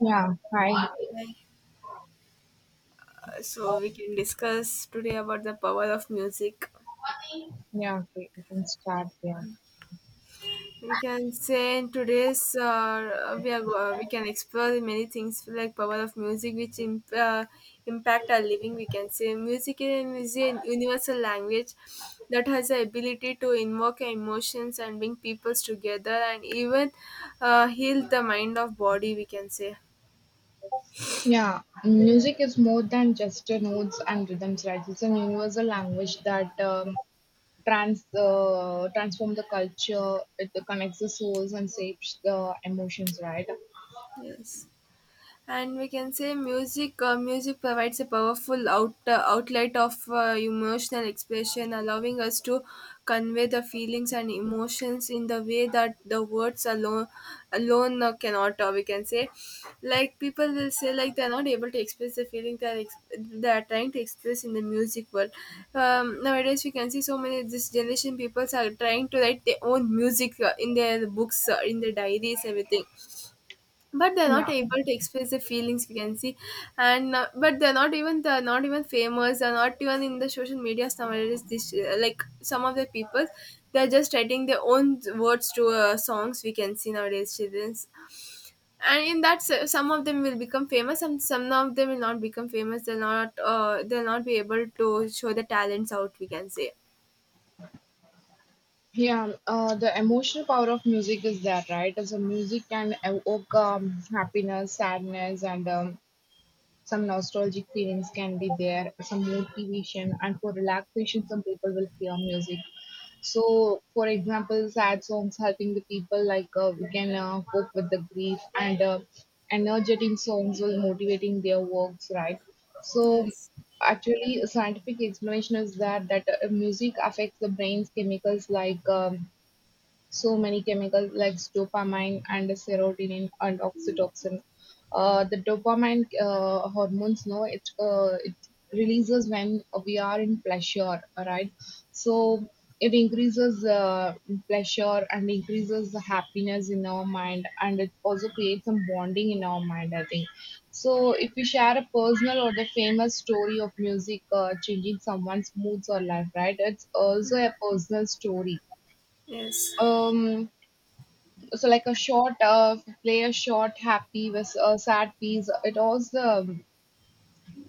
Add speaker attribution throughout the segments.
Speaker 1: Yeah, right.
Speaker 2: Right. Uh,
Speaker 1: Uh,
Speaker 2: so we can discuss today about the power of music
Speaker 1: yeah, okay, you can start. Yeah.
Speaker 2: we can say in today's we can explore many things like power of music which impact our living we can say music is a universal language that has the ability to invoke emotions and bring peoples together and even heal the mind of body we can say
Speaker 1: Yeah, music is more than just notes and rhythms, right? It's an universal language that um, transform the culture. It connects the souls and shapes the emotions, right?
Speaker 2: yes and we can say music provides a powerful outlet of emotional expression allowing us to convey the feelings and emotions in the way that the words alone cannot we can say like people will say like they're not able to express the feeling they're trying to express in the music world nowadays we can see so many this generation people are trying to write their own music in their books in their diaries everything but they're not
Speaker 1: Yeah,
Speaker 2: able to express their feelings we can see and but they're not even famous they're not even in the social media nowadays this like some of the people they're just writing their own words to songs we can see nowadays children's and in that some of them will become famous and some of them will not become famous they'll not be able to show their talents out we can say
Speaker 1: yeah. The emotional power of music is there, right? So music can evoke happiness, sadness, and some nostalgic feelings can be there. Some motivation, and for relaxation, some people will hear music. So, for example, sad songs helping the people, like we can cope with the grief, and energetic songs will motivating their works, right? So,
Speaker 2: yes,
Speaker 1: actually, a scientific explanation is that that music affects the brain's chemicals like, so many chemicals like dopamine and serotonin and oxytocin. The dopamine hormones, no, it releases when we are in pleasure, right? So it increases pleasure and increases the happiness in our mind, and it also creates some bonding in our mind. I think. So if we share a personal or the famous story of music changing someone's moods or life, right? It's also a personal story.
Speaker 2: yes.
Speaker 1: Um so like a short play a short happy with a sad piece. It also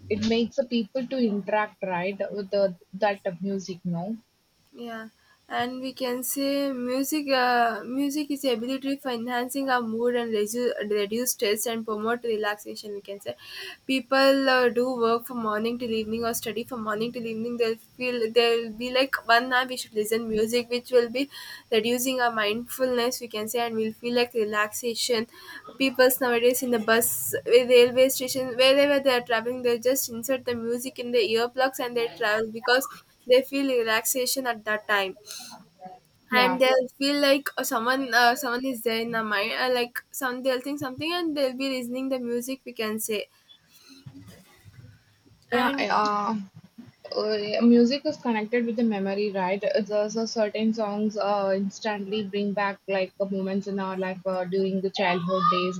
Speaker 1: it makes the people to interact, right, with the that music, no?
Speaker 2: Yeah, and we can say music is the ability for enhancing our mood and reduce stress and promote relaxation. We can say people do work from morning till evening or study from morning till evening. They'll feel they'll be like 1 hour we should listen music, which will be reducing our mindfulness. We can say and we'll feel like relaxation. People nowadays in the bus, railway station, wherever they are traveling, they just insert the music in the earplugs and they travel because they feel relaxation at that time and
Speaker 1: Yeah,
Speaker 2: they'll feel like someone is there in the mind like some they'll think something and they'll be listening the music we can say
Speaker 1: yeah.
Speaker 2: and we
Speaker 1: I-
Speaker 2: can
Speaker 1: uh, Uh, yeah, music is connected with the memory, right? There's certain songs instantly bring back like moments in our life during the childhood days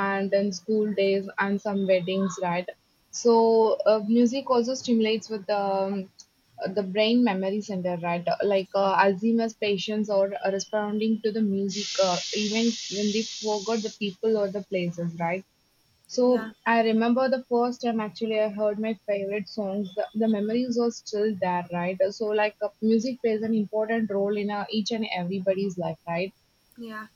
Speaker 1: and then school days and some weddings, right? So music also stimulates with the brain memory center, right? Like Alzheimer's patients are responding to the music, even when they forgot the people or the places, right? So
Speaker 2: yeah,
Speaker 1: I remember the first time actually I heard my favorite songs. The memories are still there, right? So like music plays an important role in each and everybody's life, right?
Speaker 2: yeah,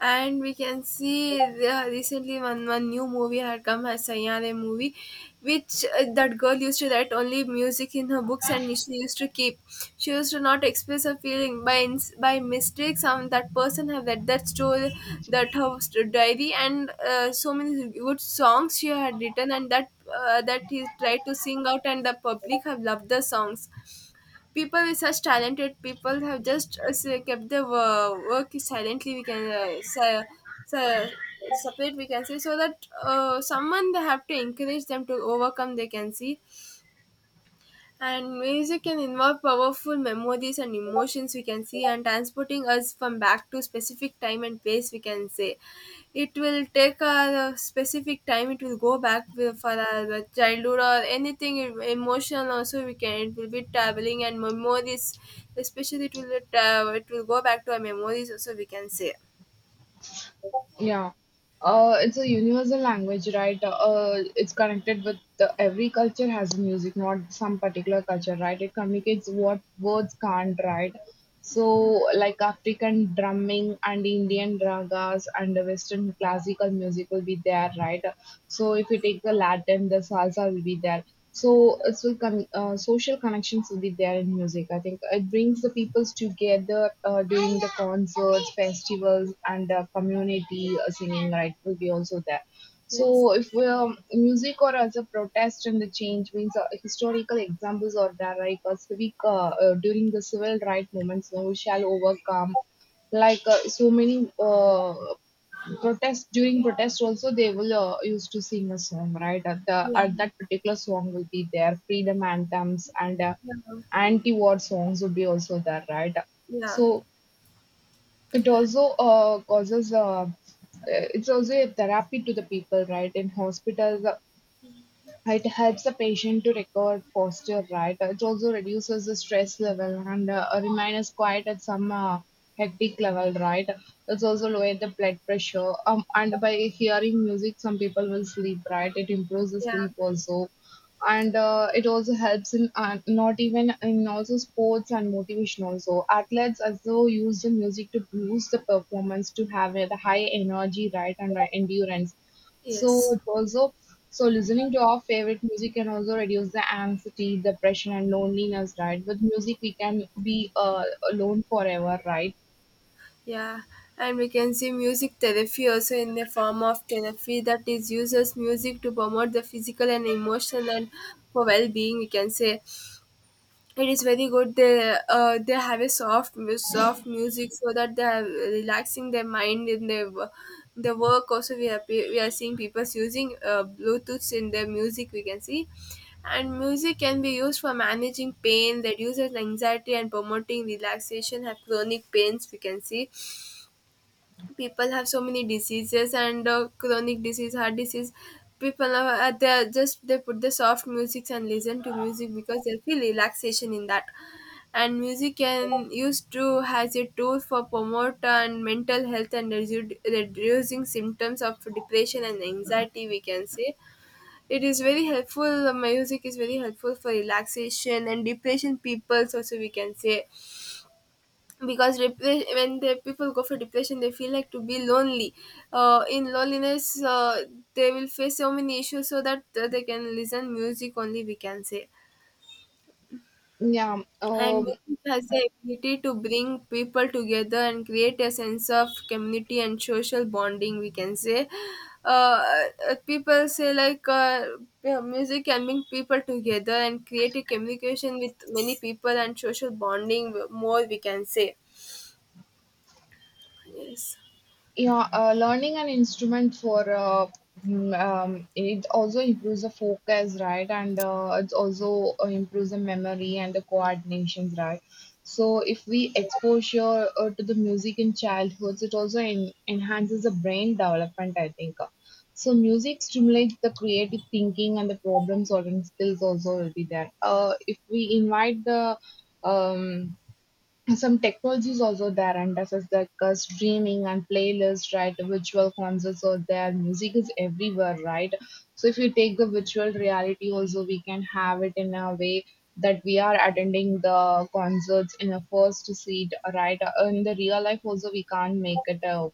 Speaker 2: and we can see recently one new movie had come as Sayare movie, which that girl used to write only music in her books and she used to keep. She used to not express her feeling by mistake. Some that person have read that story, that her diary and so many good songs she had written and that he tried to sing out and the public have loved the songs people with such talented people have just kept their work silently we can se- separate we can say so that someone they have to encourage them to overcome they can see and music can involve powerful memories and emotions we can see and transporting us from back to specific time and place we can say. It will take a specific time, it will go back for our childhood or anything emotional also we can, it will be traveling and memories, especially it will go back to our memories also we can say.
Speaker 1: Yeah, it's a universal language, right? It's connected with the, every culture has music, not some particular culture, right? It communicates what words can't, right? So, like African drumming and Indian ragas and the Western classical music will be there, right? So, if you take the Latin, the salsa will be there. So social connections will be there in music. I think it brings the peoples together during the concerts, festivals, and community singing. Right, will be also there.
Speaker 2: Yes.
Speaker 1: So if we music or as a protest and the change means historical examples are there, like a civic during the civil right movements, we shall overcome like so many protest during protest also they will used to sing a song, right, at the
Speaker 2: Yeah.
Speaker 1: at that particular song will be there, freedom anthems and
Speaker 2: Yeah.
Speaker 1: anti-war songs would be also there, right?
Speaker 2: Yeah.
Speaker 1: So it also causes it's also a therapy to the people, right, in hospitals. It helps the patient to recover posture, right? It also reduces the stress level and remains quiet at some hectic level, right? It's also lower the blood pressure. And by hearing music, some people will sleep, right? It improves the
Speaker 2: Yeah.
Speaker 1: sleep also. And it also helps in not even in also sports and motivation also. Athletes also use the music to boost the performance to have a the high energy, right, and endurance. So
Speaker 2: Yes.
Speaker 1: it also so listening to our favorite music can also reduce the anxiety, depression, and loneliness, right? With music, we can be alone forever, right?
Speaker 2: Yeah, and we can see music therapy also in the form of therapy that is uses music to promote the physical and emotional and for well-being. We can say it is very good. They have a soft music so that they are relaxing their mind in their the work. Also, we are seeing people using Bluetooth in their music. We can see. And music can be used for managing pain, reduces anxiety, and promoting relaxation. Have chronic pains, we can see people have so many diseases and chronic disease heart disease people are they are just they put the soft music and listen to music because they feel relaxation in that and music can used to as a tool for promote and mental health and reducing symptoms of depression and anxiety we can say it is very helpful music is very helpful for relaxation and depression people also we can say because when the people go for depression they feel like to be lonely in loneliness they will face so many issues so that they can listen music only we can say
Speaker 1: Yeah.
Speaker 2: and
Speaker 1: Um,
Speaker 2: music has the ability to bring people together and create a sense of community and social bonding we can say uh, people say like yeah, music can bring people together and create a communication with many people and social bonding more we can say yes.
Speaker 1: yeah, learning an instrument for it also improves the focus, right? And it also improves the memory and the coordinations, right? So if we exposure to the music in childhood, it also en enhances the brain development, I think. So music stimulates the creative thinking and the problem solving skills also will be there. If we invite the um, some technologies also there and as is like streaming and playlists, right, virtual concerts are there, music is everywhere, right? So if you take the virtual reality also, we can have it in a way that we are attending the concerts in a first seat, right? In the real life also we can't make it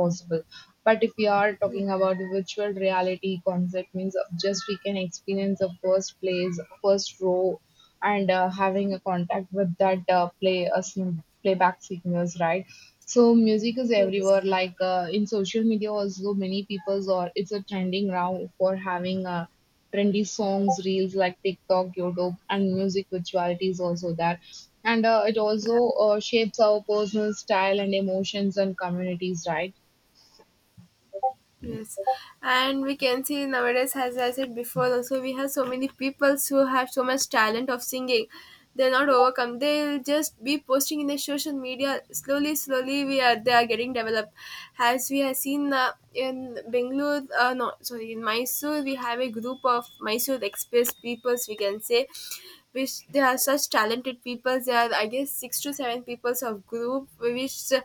Speaker 1: possible, but if we are
Speaker 2: Yeah.
Speaker 1: talking about the virtual reality concept means just we can experience the first place, first row, and having a contact with that playback singers, right? So music is
Speaker 2: Yes,
Speaker 1: everywhere, like in social media also, many people's, or it's a trending now for having trendy songs reels like tiktok youtube and music virtuality is also there. And it also
Speaker 2: yeah,
Speaker 1: shapes our personal style and emotions and communities, right?
Speaker 2: yes. And we can see nowadays, as I said before, also we have so many people who have so much talent of singing. They're not overcome. They'll just be posting in the social media. Slowly, slowly, we are they are getting developed. As we have seen in Bangalore, no, sorry, in Mysore, we have a group of Mysore Express peoples. We can say, which they are such talented people. There are, I guess, six to seven peoples of group, which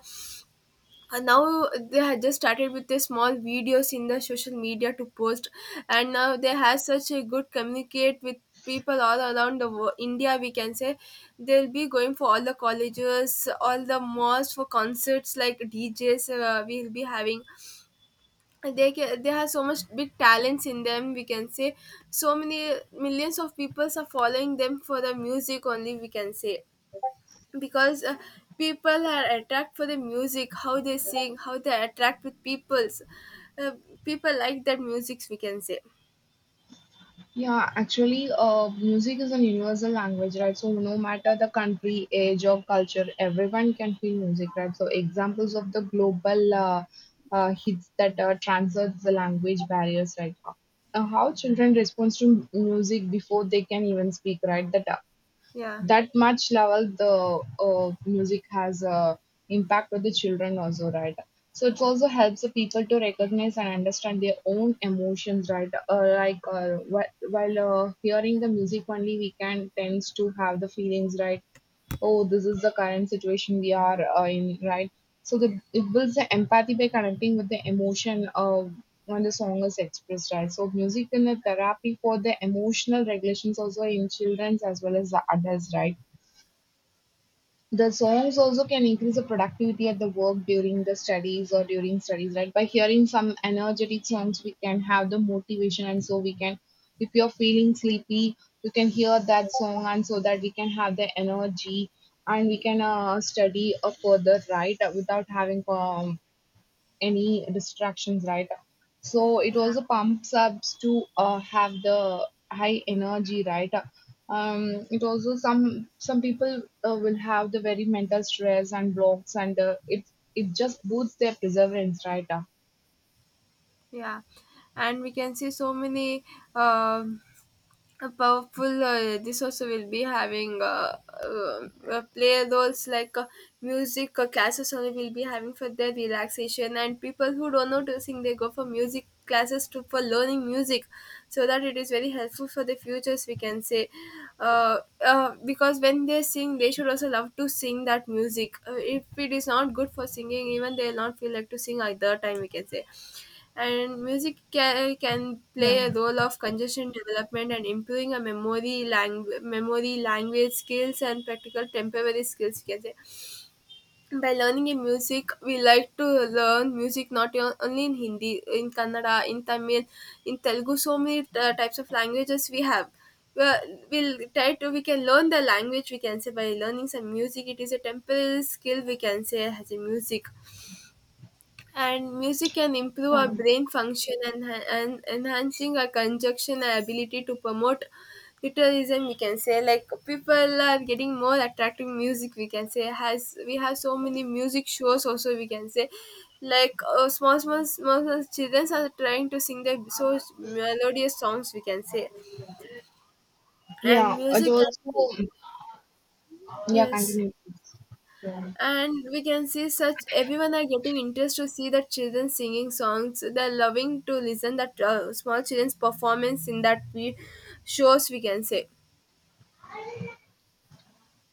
Speaker 2: and now they had just started with the small videos in the social media to post and now they have such a good communicate with people all around the world, India we can say they'll be going for all the colleges all the malls for concerts like DJs we'll be having and they can, they have so much big talents in them we can say so many millions of people are following them for the music only we can say because people are attracted for the music how they sing how they attract with people's uh, people like that music. We can say
Speaker 1: Yeah, actually, music is a universal language, right? So no matter the country, age, or culture, everyone can feel music, right? So examples of the global hits that transcend the language barriers, right? How children respond to music before they can even speak, right?
Speaker 2: yeah,
Speaker 1: That much level the music has a impact on the children also, right? So it also helps the people to recognize and understand their own emotions, right, like whi- while hearing the music only we can tends to have the feelings, right? Oh, this is the current situation we are in, right? So the, it builds the empathy by connecting with the emotion when the song is expressed, right? So music in a therapy for the emotional regulations also in children's as well as the adults, right? The songs also can increase the productivity at the work during the studies or during studies, right? By hearing some energetic songs, we can have the motivation, and so we can, if you're feeling sleepy, you can hear that song, and so that we can have the energy and we can study further, right? Without having any distractions, right? So it
Speaker 2: yeah,
Speaker 1: also pumps up to have the high energy, right? It also some people will have the very mental stress and blocks, and it just boosts their perseverance, right?
Speaker 2: yeah, and we can see so many um, a powerful this also will be having play roles like music classes only will be having for their relaxation and people who don't know to sing they go for music classes to for learning music so that it is very helpful for the futures we can say because when they sing they should also love to sing that music if it is not good for singing even they will not feel like to sing at the time we can say and music can play
Speaker 1: Yeah.
Speaker 2: a role of congestion development and improving a memory language skills and practical temporary skills we can say by learning in music we like to learn music not only in Hindi in Kannada in Tamil in Telugu so many types of languages we have well, we'll try to we can learn the language we can say by learning some music it is a temporary skill we can say as a music and music can improve our
Speaker 1: Um,
Speaker 2: brain function and enhancing our conjunction and ability to promote literalism we can say like people are getting more attractive music we can say has we have so many music shows also we can say like small, small small small children are trying to sing their so melodious songs we can say and
Speaker 1: yeah, it
Speaker 2: music can be
Speaker 1: also yeah
Speaker 2: yes
Speaker 1: continue.
Speaker 2: and we can see such everyone are getting interest to see the children singing songs they're loving to listen that small children's performance in that we shows we can say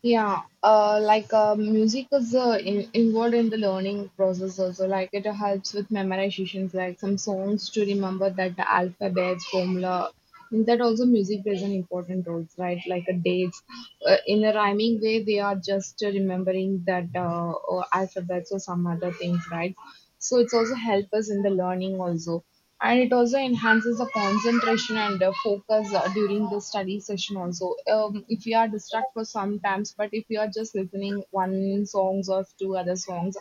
Speaker 1: Yeah, like music is involved in the learning process also. Like it helps with memorizations, like some songs to remember that the alphabets, formula. In that also music plays an important role, right? Like dates. In a rhyming way, they are just remembering that, or alphabets or some other things, right? So it's also help us in the learning also, and it also enhances the concentration and focus during the study session also. Um, if you are distracted for some times, but if you are just listening one songs or two other songs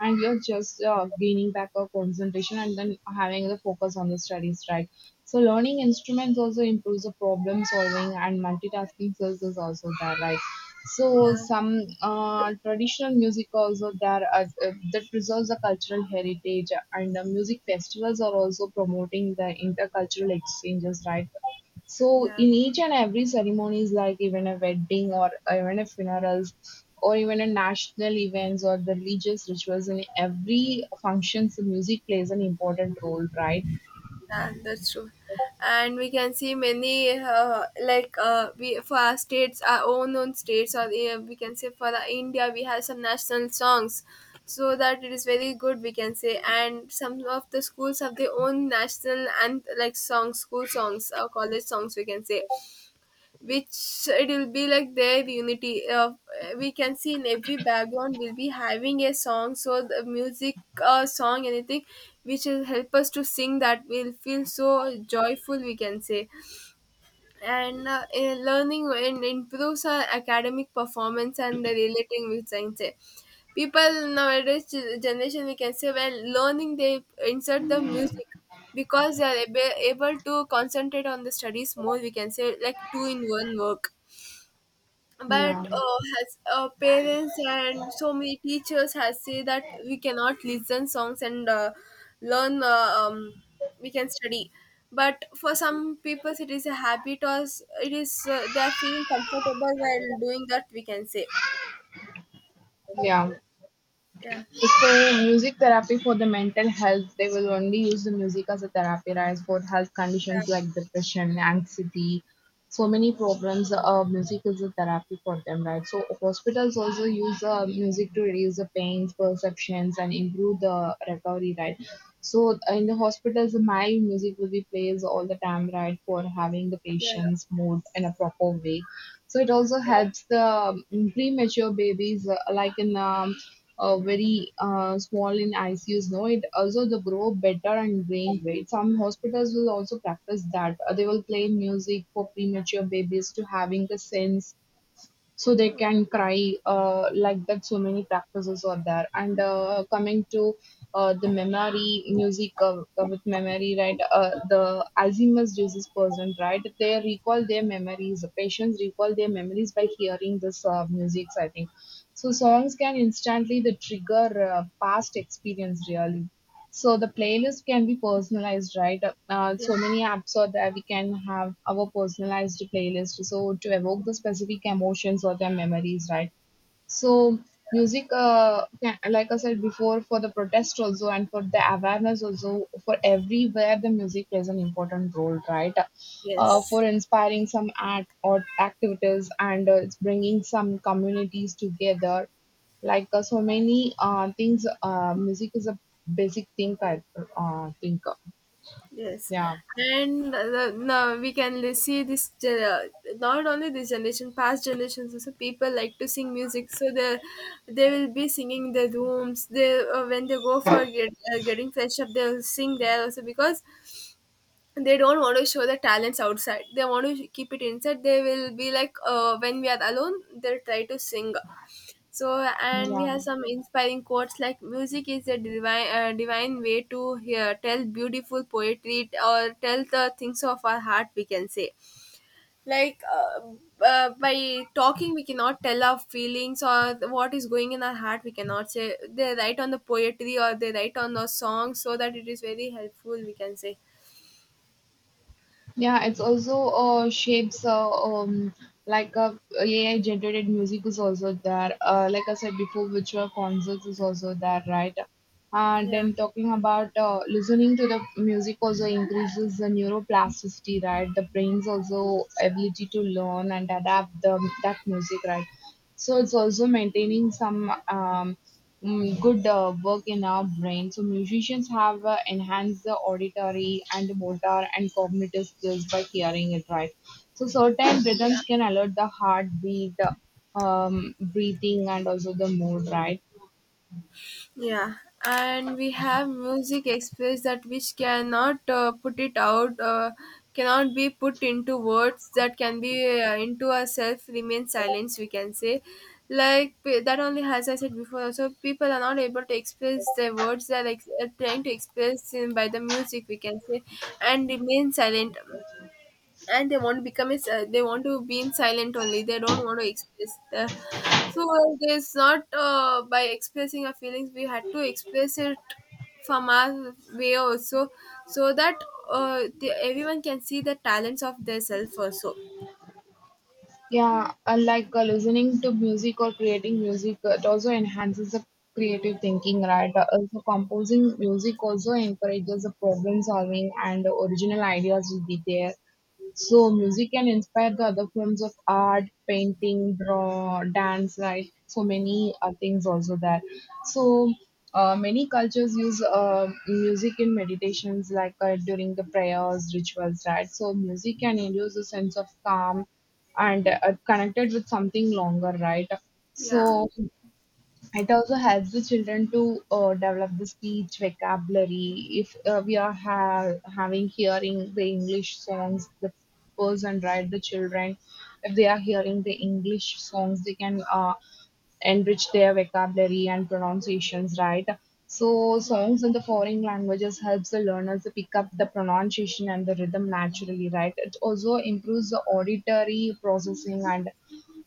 Speaker 1: and you're just gaining back a concentration and then having the focus on the studies, right? So learning instruments also improves the problem solving and multitasking skills is also there, right? So
Speaker 2: yeah,
Speaker 1: some traditional music also there as, that preserves the cultural heritage, and the music festivals are also promoting the intercultural exchanges, right? So
Speaker 2: yeah,
Speaker 1: in each and every ceremonies, like even a wedding or even a funerals or even a national events or the religious rituals, in every functions the music plays an important role, right?
Speaker 2: that's true and we can see many like we for our states our own states or we can say for the India we have some national songs so that it is very good we can say and some of the schools have their own national and like songs school songs or college songs we can say which it will be like their unity of we can see in every background will be having a song so the music song anything which will help us to sing that will feel so joyful we can say and in learning and improves our academic performance and the relating we can say people nowadays generation we can say when learning they insert the music because they are able to concentrate on the studies more we can say like two in one work but
Speaker 1: Yeah.
Speaker 2: has parents and so many teachers has say that we cannot listen songs and learn we can study but for some people it is a habit or s- it is they are feeling comfortable while doing that we can say
Speaker 1: Yeah.
Speaker 2: yeah,
Speaker 1: So, music therapy for the mental health, they will only use the music as a therapy, right? For health
Speaker 2: yeah,
Speaker 1: conditions like depression, anxiety, so many problems, music is a therapy for them, right? So, hospitals also use music to reduce the pains, perceptions, and improve the recovery, right? So, in the hospitals, my music will be played all the time, right? For having the
Speaker 2: yeah,
Speaker 1: patient's mood in a proper way. So, it also helps the mm, premature babies, like in very small in ICUs. No, it also they grow better and gain weight. Some hospitals will also practice that. They will play music for premature babies to having the sense so they can cry like that, so many practices are there. And coming to the memory music with memory, right, the alzheimer's disease person, right, they recall their memories, patients recall their memories by hearing this music, I think. So songs can instantly the trigger past experience, really. So the playlist can be personalized, right?
Speaker 2: yeah,
Speaker 1: So many apps are there. We can have our personalized playlist. So to evoke the specific emotions or their memories, right? So music, yeah, like I said before, for the protest also and for the awareness also, for everywhere the music plays an important role, right?
Speaker 2: yes.
Speaker 1: For inspiring some act or activities and it's bringing some communities together. So many things, music is a basic thing. I think,
Speaker 2: Yes,
Speaker 1: yeah,
Speaker 2: and now we can see this. Not only this generation, past generations also people like to sing music. So they will be singing in the rooms. They when they go for getting fresh up, they'll sing there also because they don't want to show the talents outside. They want to keep it inside. They will be when we are alone, they'll try to sing. So, and we
Speaker 1: yeah.
Speaker 2: have some inspiring quotes like music is a divine way to hear, tell beautiful poetry or tell the things of our heart, we can say. Like uh, by talking, we cannot tell our feelings or what is going in our heart, we cannot say. They write on the poetry or they write on the song so that it is very helpful, we can say.
Speaker 1: Yeah, it's also shapes a AI generated music is also there. Like I said before, virtual concerts is also there, right? And
Speaker 2: Yeah.
Speaker 1: then talking about listening to the music also increases the neuroplasticity, right? The brain's also ability to learn and adapt the that music, right? So it's also maintaining some good work in our brain. So musicians have enhanced the auditory and motor and cognitive skills by hearing it right. So certain
Speaker 2: Yeah.
Speaker 1: rhythms can alert the heartbeat, breathing, and also the mood, right?
Speaker 2: Yeah, and we have music express that which cannot put it out, cannot be put into words that can be into ourself remain silence. We can say, that only as I said before. Also, people are not able to express their words. They are trying to express in, by the music. We can say, and remain silent and they want to become a. They want to be in silent only, they don't want to express the, so there's not, by expressing our feelings we had to express it from our way also so that everyone can see the talents of their self also.
Speaker 1: Yeah, listening to music or creating music, it also enhances the creative thinking, right? Also, composing music also encourages the problem solving and the original ideas will be there. So, music can inspire the other forms of art, painting, draw, dance, right? So many things also there. So many cultures use music in meditations, during the prayers, rituals, right? So, music can induce a sense of calm and connected with something longer, right?
Speaker 2: Yeah.
Speaker 1: So it also helps the children to develop the speech vocabulary. If we are having hearing the English songs, the person, right, the children, if they are hearing the English songs, they can enrich their vocabulary and pronunciations, right? So songs in the foreign languages helps the learners to pick up the pronunciation and the rhythm naturally, right? It also improves the auditory processing and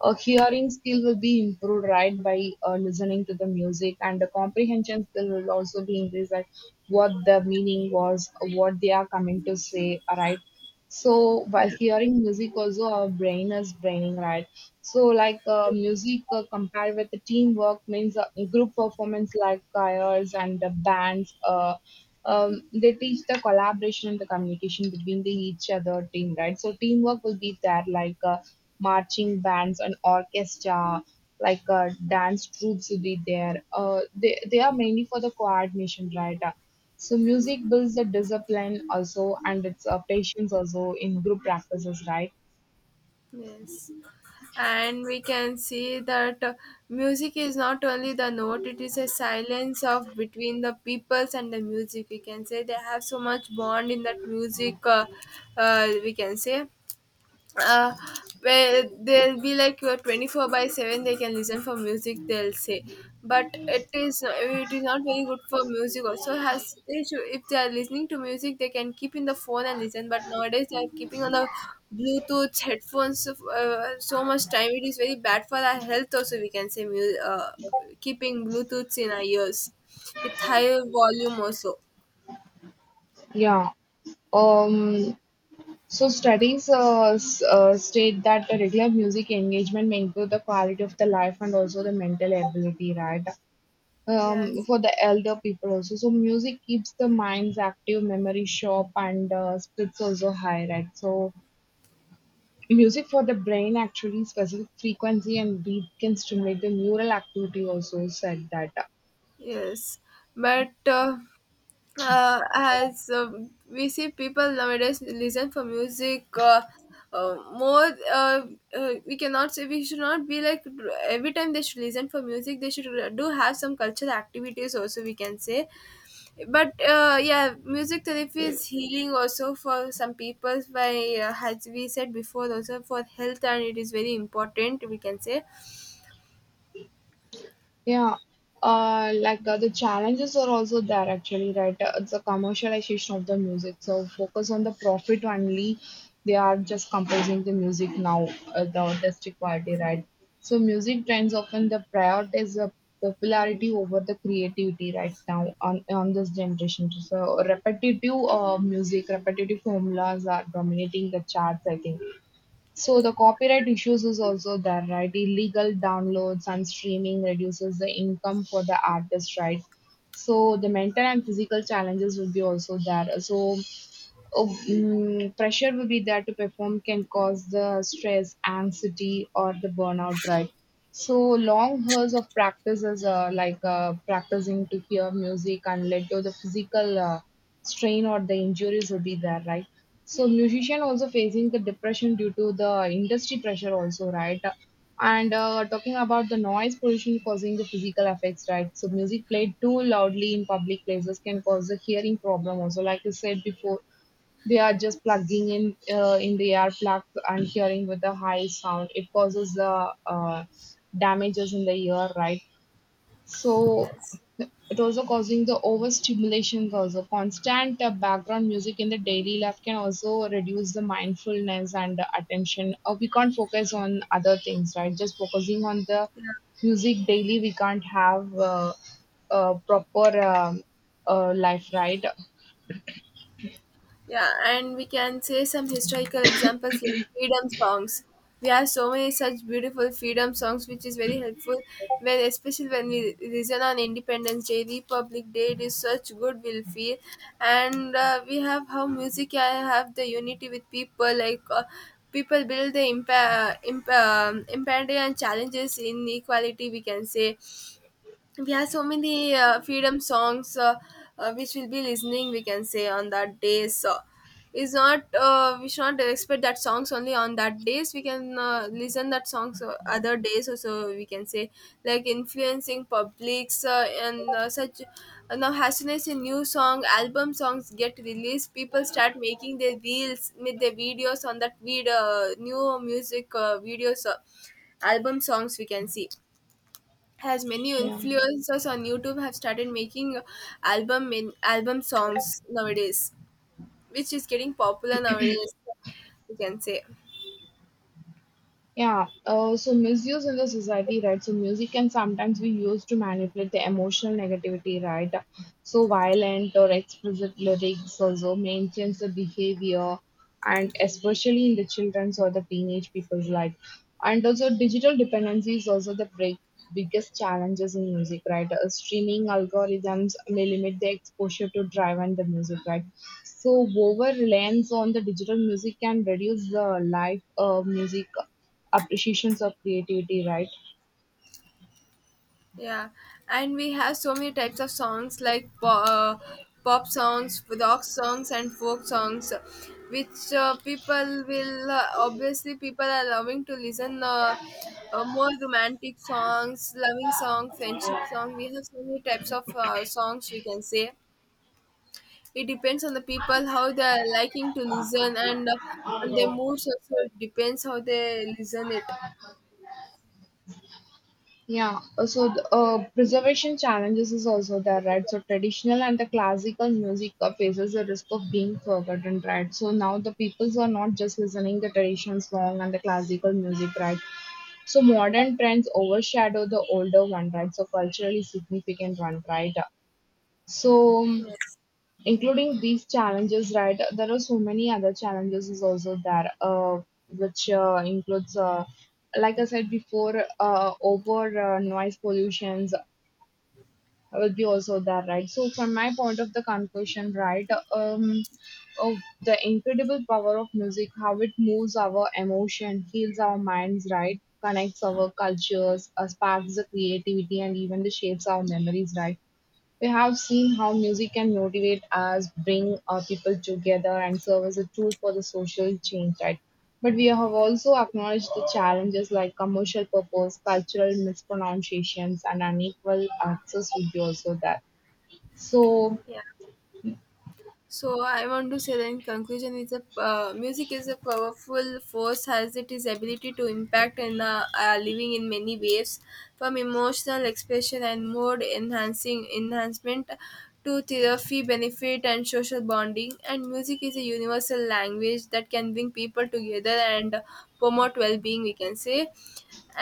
Speaker 1: hearing skill will be improved, right, by listening to the music, and the comprehension skill will also be increased, like what the meaning was, what they are coming to say, right? So while hearing music, also our brain is braining, right? So music compared with the teamwork means group performance like choirs and the bands. They teach the collaboration and the communication between the each other team, right? So teamwork will be there, marching bands and orchestra, dance troops will be there. They are mainly for the coordination, right? So music builds the discipline also, and it's patience also in group practices, right?
Speaker 2: Yes, and we can see that music is not only the note, it is a silence of between the peoples and the music, we can say they have so much bond in that music, we can say uh, where they'll be like 24/7 they can listen for music, they'll say. But it is, it is not very good for music also has they should, if they are listening to music they can keep in the phone and listen, but nowadays they are keeping on the bluetooth headphones of so much time. It is very bad for our health also, we can say, keeping bluetooths in our ears with higher volume also.
Speaker 1: Yeah. Um. So studies state that the regular music engagement may improve the quality of the life and also the mental ability, right?
Speaker 2: Yes.
Speaker 1: For the elder people also. So music keeps the minds active, memory sharp, and spirits also high, right? So music for the brain actually specific frequency and beat can stimulate the neural activity also said that.
Speaker 2: Yes, but as we see people nowadays listen for music more, we cannot say, we should not be like every time they should listen for music, they should do have some cultural activities also, we can say. But yeah, music therapy is healing also for some people by, as we said before, also for health, and it is very important, we can say.
Speaker 1: Yeah, the challenges are also there actually, right? It's a commercialization of the music, so focus on the profit only. They are just composing the music now, the artistic quality, right? So music trends often the prioritize the popularity over the creativity right now on this generation. So repetitive music, repetitive formulas are dominating the charts, I think. So the copyright issues is also there, right? Illegal downloads and streaming reduces the income for the artist, right? So the mental and physical challenges will be also there. So Oh, pressure will be there to perform can cause the stress, anxiety, or the burnout, right? So long hours of practice is practicing to hear music and led to the physical strain or the injuries will be there, right? So musician also facing the depression due to the industry pressure also, right? And talking about the noise pollution causing the physical effects, right? So music played too loudly in public places can cause the hearing problem also, like you said before they are just plugging in the ear plug and hearing with the high sound. It causes the damages in the ear, right? So
Speaker 2: Yes.
Speaker 1: it also causing the overstimulation also constant background music in the daily life can also reduce the mindfulness and the attention or we can't focus on other things right just focusing on the music daily we can't have a proper life right
Speaker 2: Yeah, and we can say some historical examples like freedom songs. We have so many such beautiful freedom songs, which is very helpful when, especially when we listen on Independence Day, Republic Day. It is such good will feel, and we have how music can have the unity with people. People build the imparity and challenges in equality, we can say. We have so many freedom songs which we'll be listening, we can say, on that days. So it's not, we should not expect that songs only on that days, we can listen that songs other days also, we can say. Like influencing publics, and such now as soon as a new song album songs get released, people start making their reels with their videos on that video new music videos, album songs, we can see, as many
Speaker 1: yeah.
Speaker 2: influencers on YouTube have started making album songs nowadays, which is getting popular nowadays. You can say,
Speaker 1: Yeah, so misuse in the society, right? So music can sometimes be used to manipulate the emotional negativity, right? So violent or explicit lyrics also maintains the behavior, and especially in the children's or the teenage people's life. And also digital dependency is also the break, biggest challenges in music, right? Streaming algorithms may limit the exposure to drive and the music, right? So over-reliance on the digital music can reduce the live music appreciations of creativity, right?
Speaker 2: yeah. And we have so many types of songs like pop songs, rock songs, and folk songs, which people will obviously people are loving to listen. More romantic songs, loving songs, friendship song. We have so many types of songs, we can say. It depends on the people how they are liking to listen, and on their moods also it depends how they listen it.
Speaker 1: Yeah, so the, preservation challenges is also there, right? So traditional and the classical music faces the risk of being forgotten, right? So now the peoples are not just listening the traditional song and the classical music, right? So modern trends overshadow the older one, right? So culturally significant one, right? So
Speaker 2: Yes.
Speaker 1: including these challenges, right? There are so many other challenges is also there, which includes, like I said before, over noise pollutions will be also there, right? So from my point of the conclusion, right, um, of the incredible power of music, how it moves our emotion, heals our minds, right? Connects our cultures, sparks the creativity, and even the shapes our memories, right? We have seen how music can motivate us, bring people together, and serve as a tool for the social change, right? But we have also acknowledged the challenges like commercial purpose, cultural mispronunciations, and unequal access would be also there. So,
Speaker 2: Yeah. So I want to say that in conclusion, is a music is a powerful force as it is ability to impact and living in many ways, from emotional expression and mood enhancing enhancement to therapy benefit and social bonding. And music is a universal language that can bring people together and promote well-being, we can say.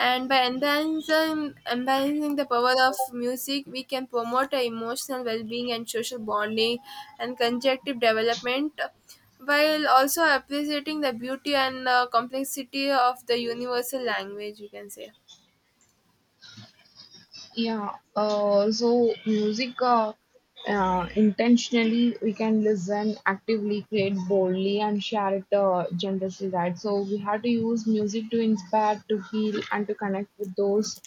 Speaker 2: And by enhancing the power of music, we can promote a emotional well being and social bonding and conjunctive development, while also appreciating the beauty and complexity of the universal language, we can say.
Speaker 1: yeah, so music intentionally we can listen actively, create boldly, and share it generously, right? So we have to use music to inspire, to heal, and to connect with those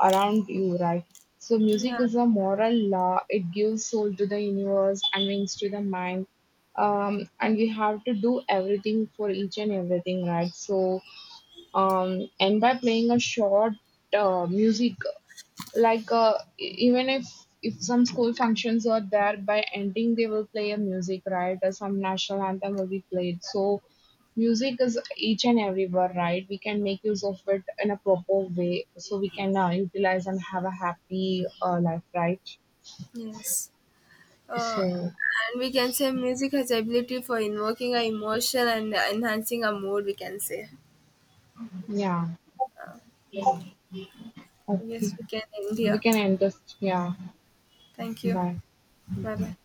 Speaker 1: around you, right? So
Speaker 2: Yeah,
Speaker 1: music is a moral law, it gives soul to the universe and wings to the mind. And we have to do everything for each and everything, right? So, and by playing a short music even if some school functions are there by ending they will play a music right or some national anthem will be played so music is each and everywhere right we can make use of it in a proper way so we can utilize and have a happy life right
Speaker 2: yes. Uh,
Speaker 1: so
Speaker 2: and we can say music has the ability for invoking our emotion and enhancing our mood, we can say.
Speaker 1: yeah okay
Speaker 2: Yes, we can end
Speaker 1: we
Speaker 2: here.
Speaker 1: can end this yeah
Speaker 2: Thank you.
Speaker 1: bye.
Speaker 2: Bye bye.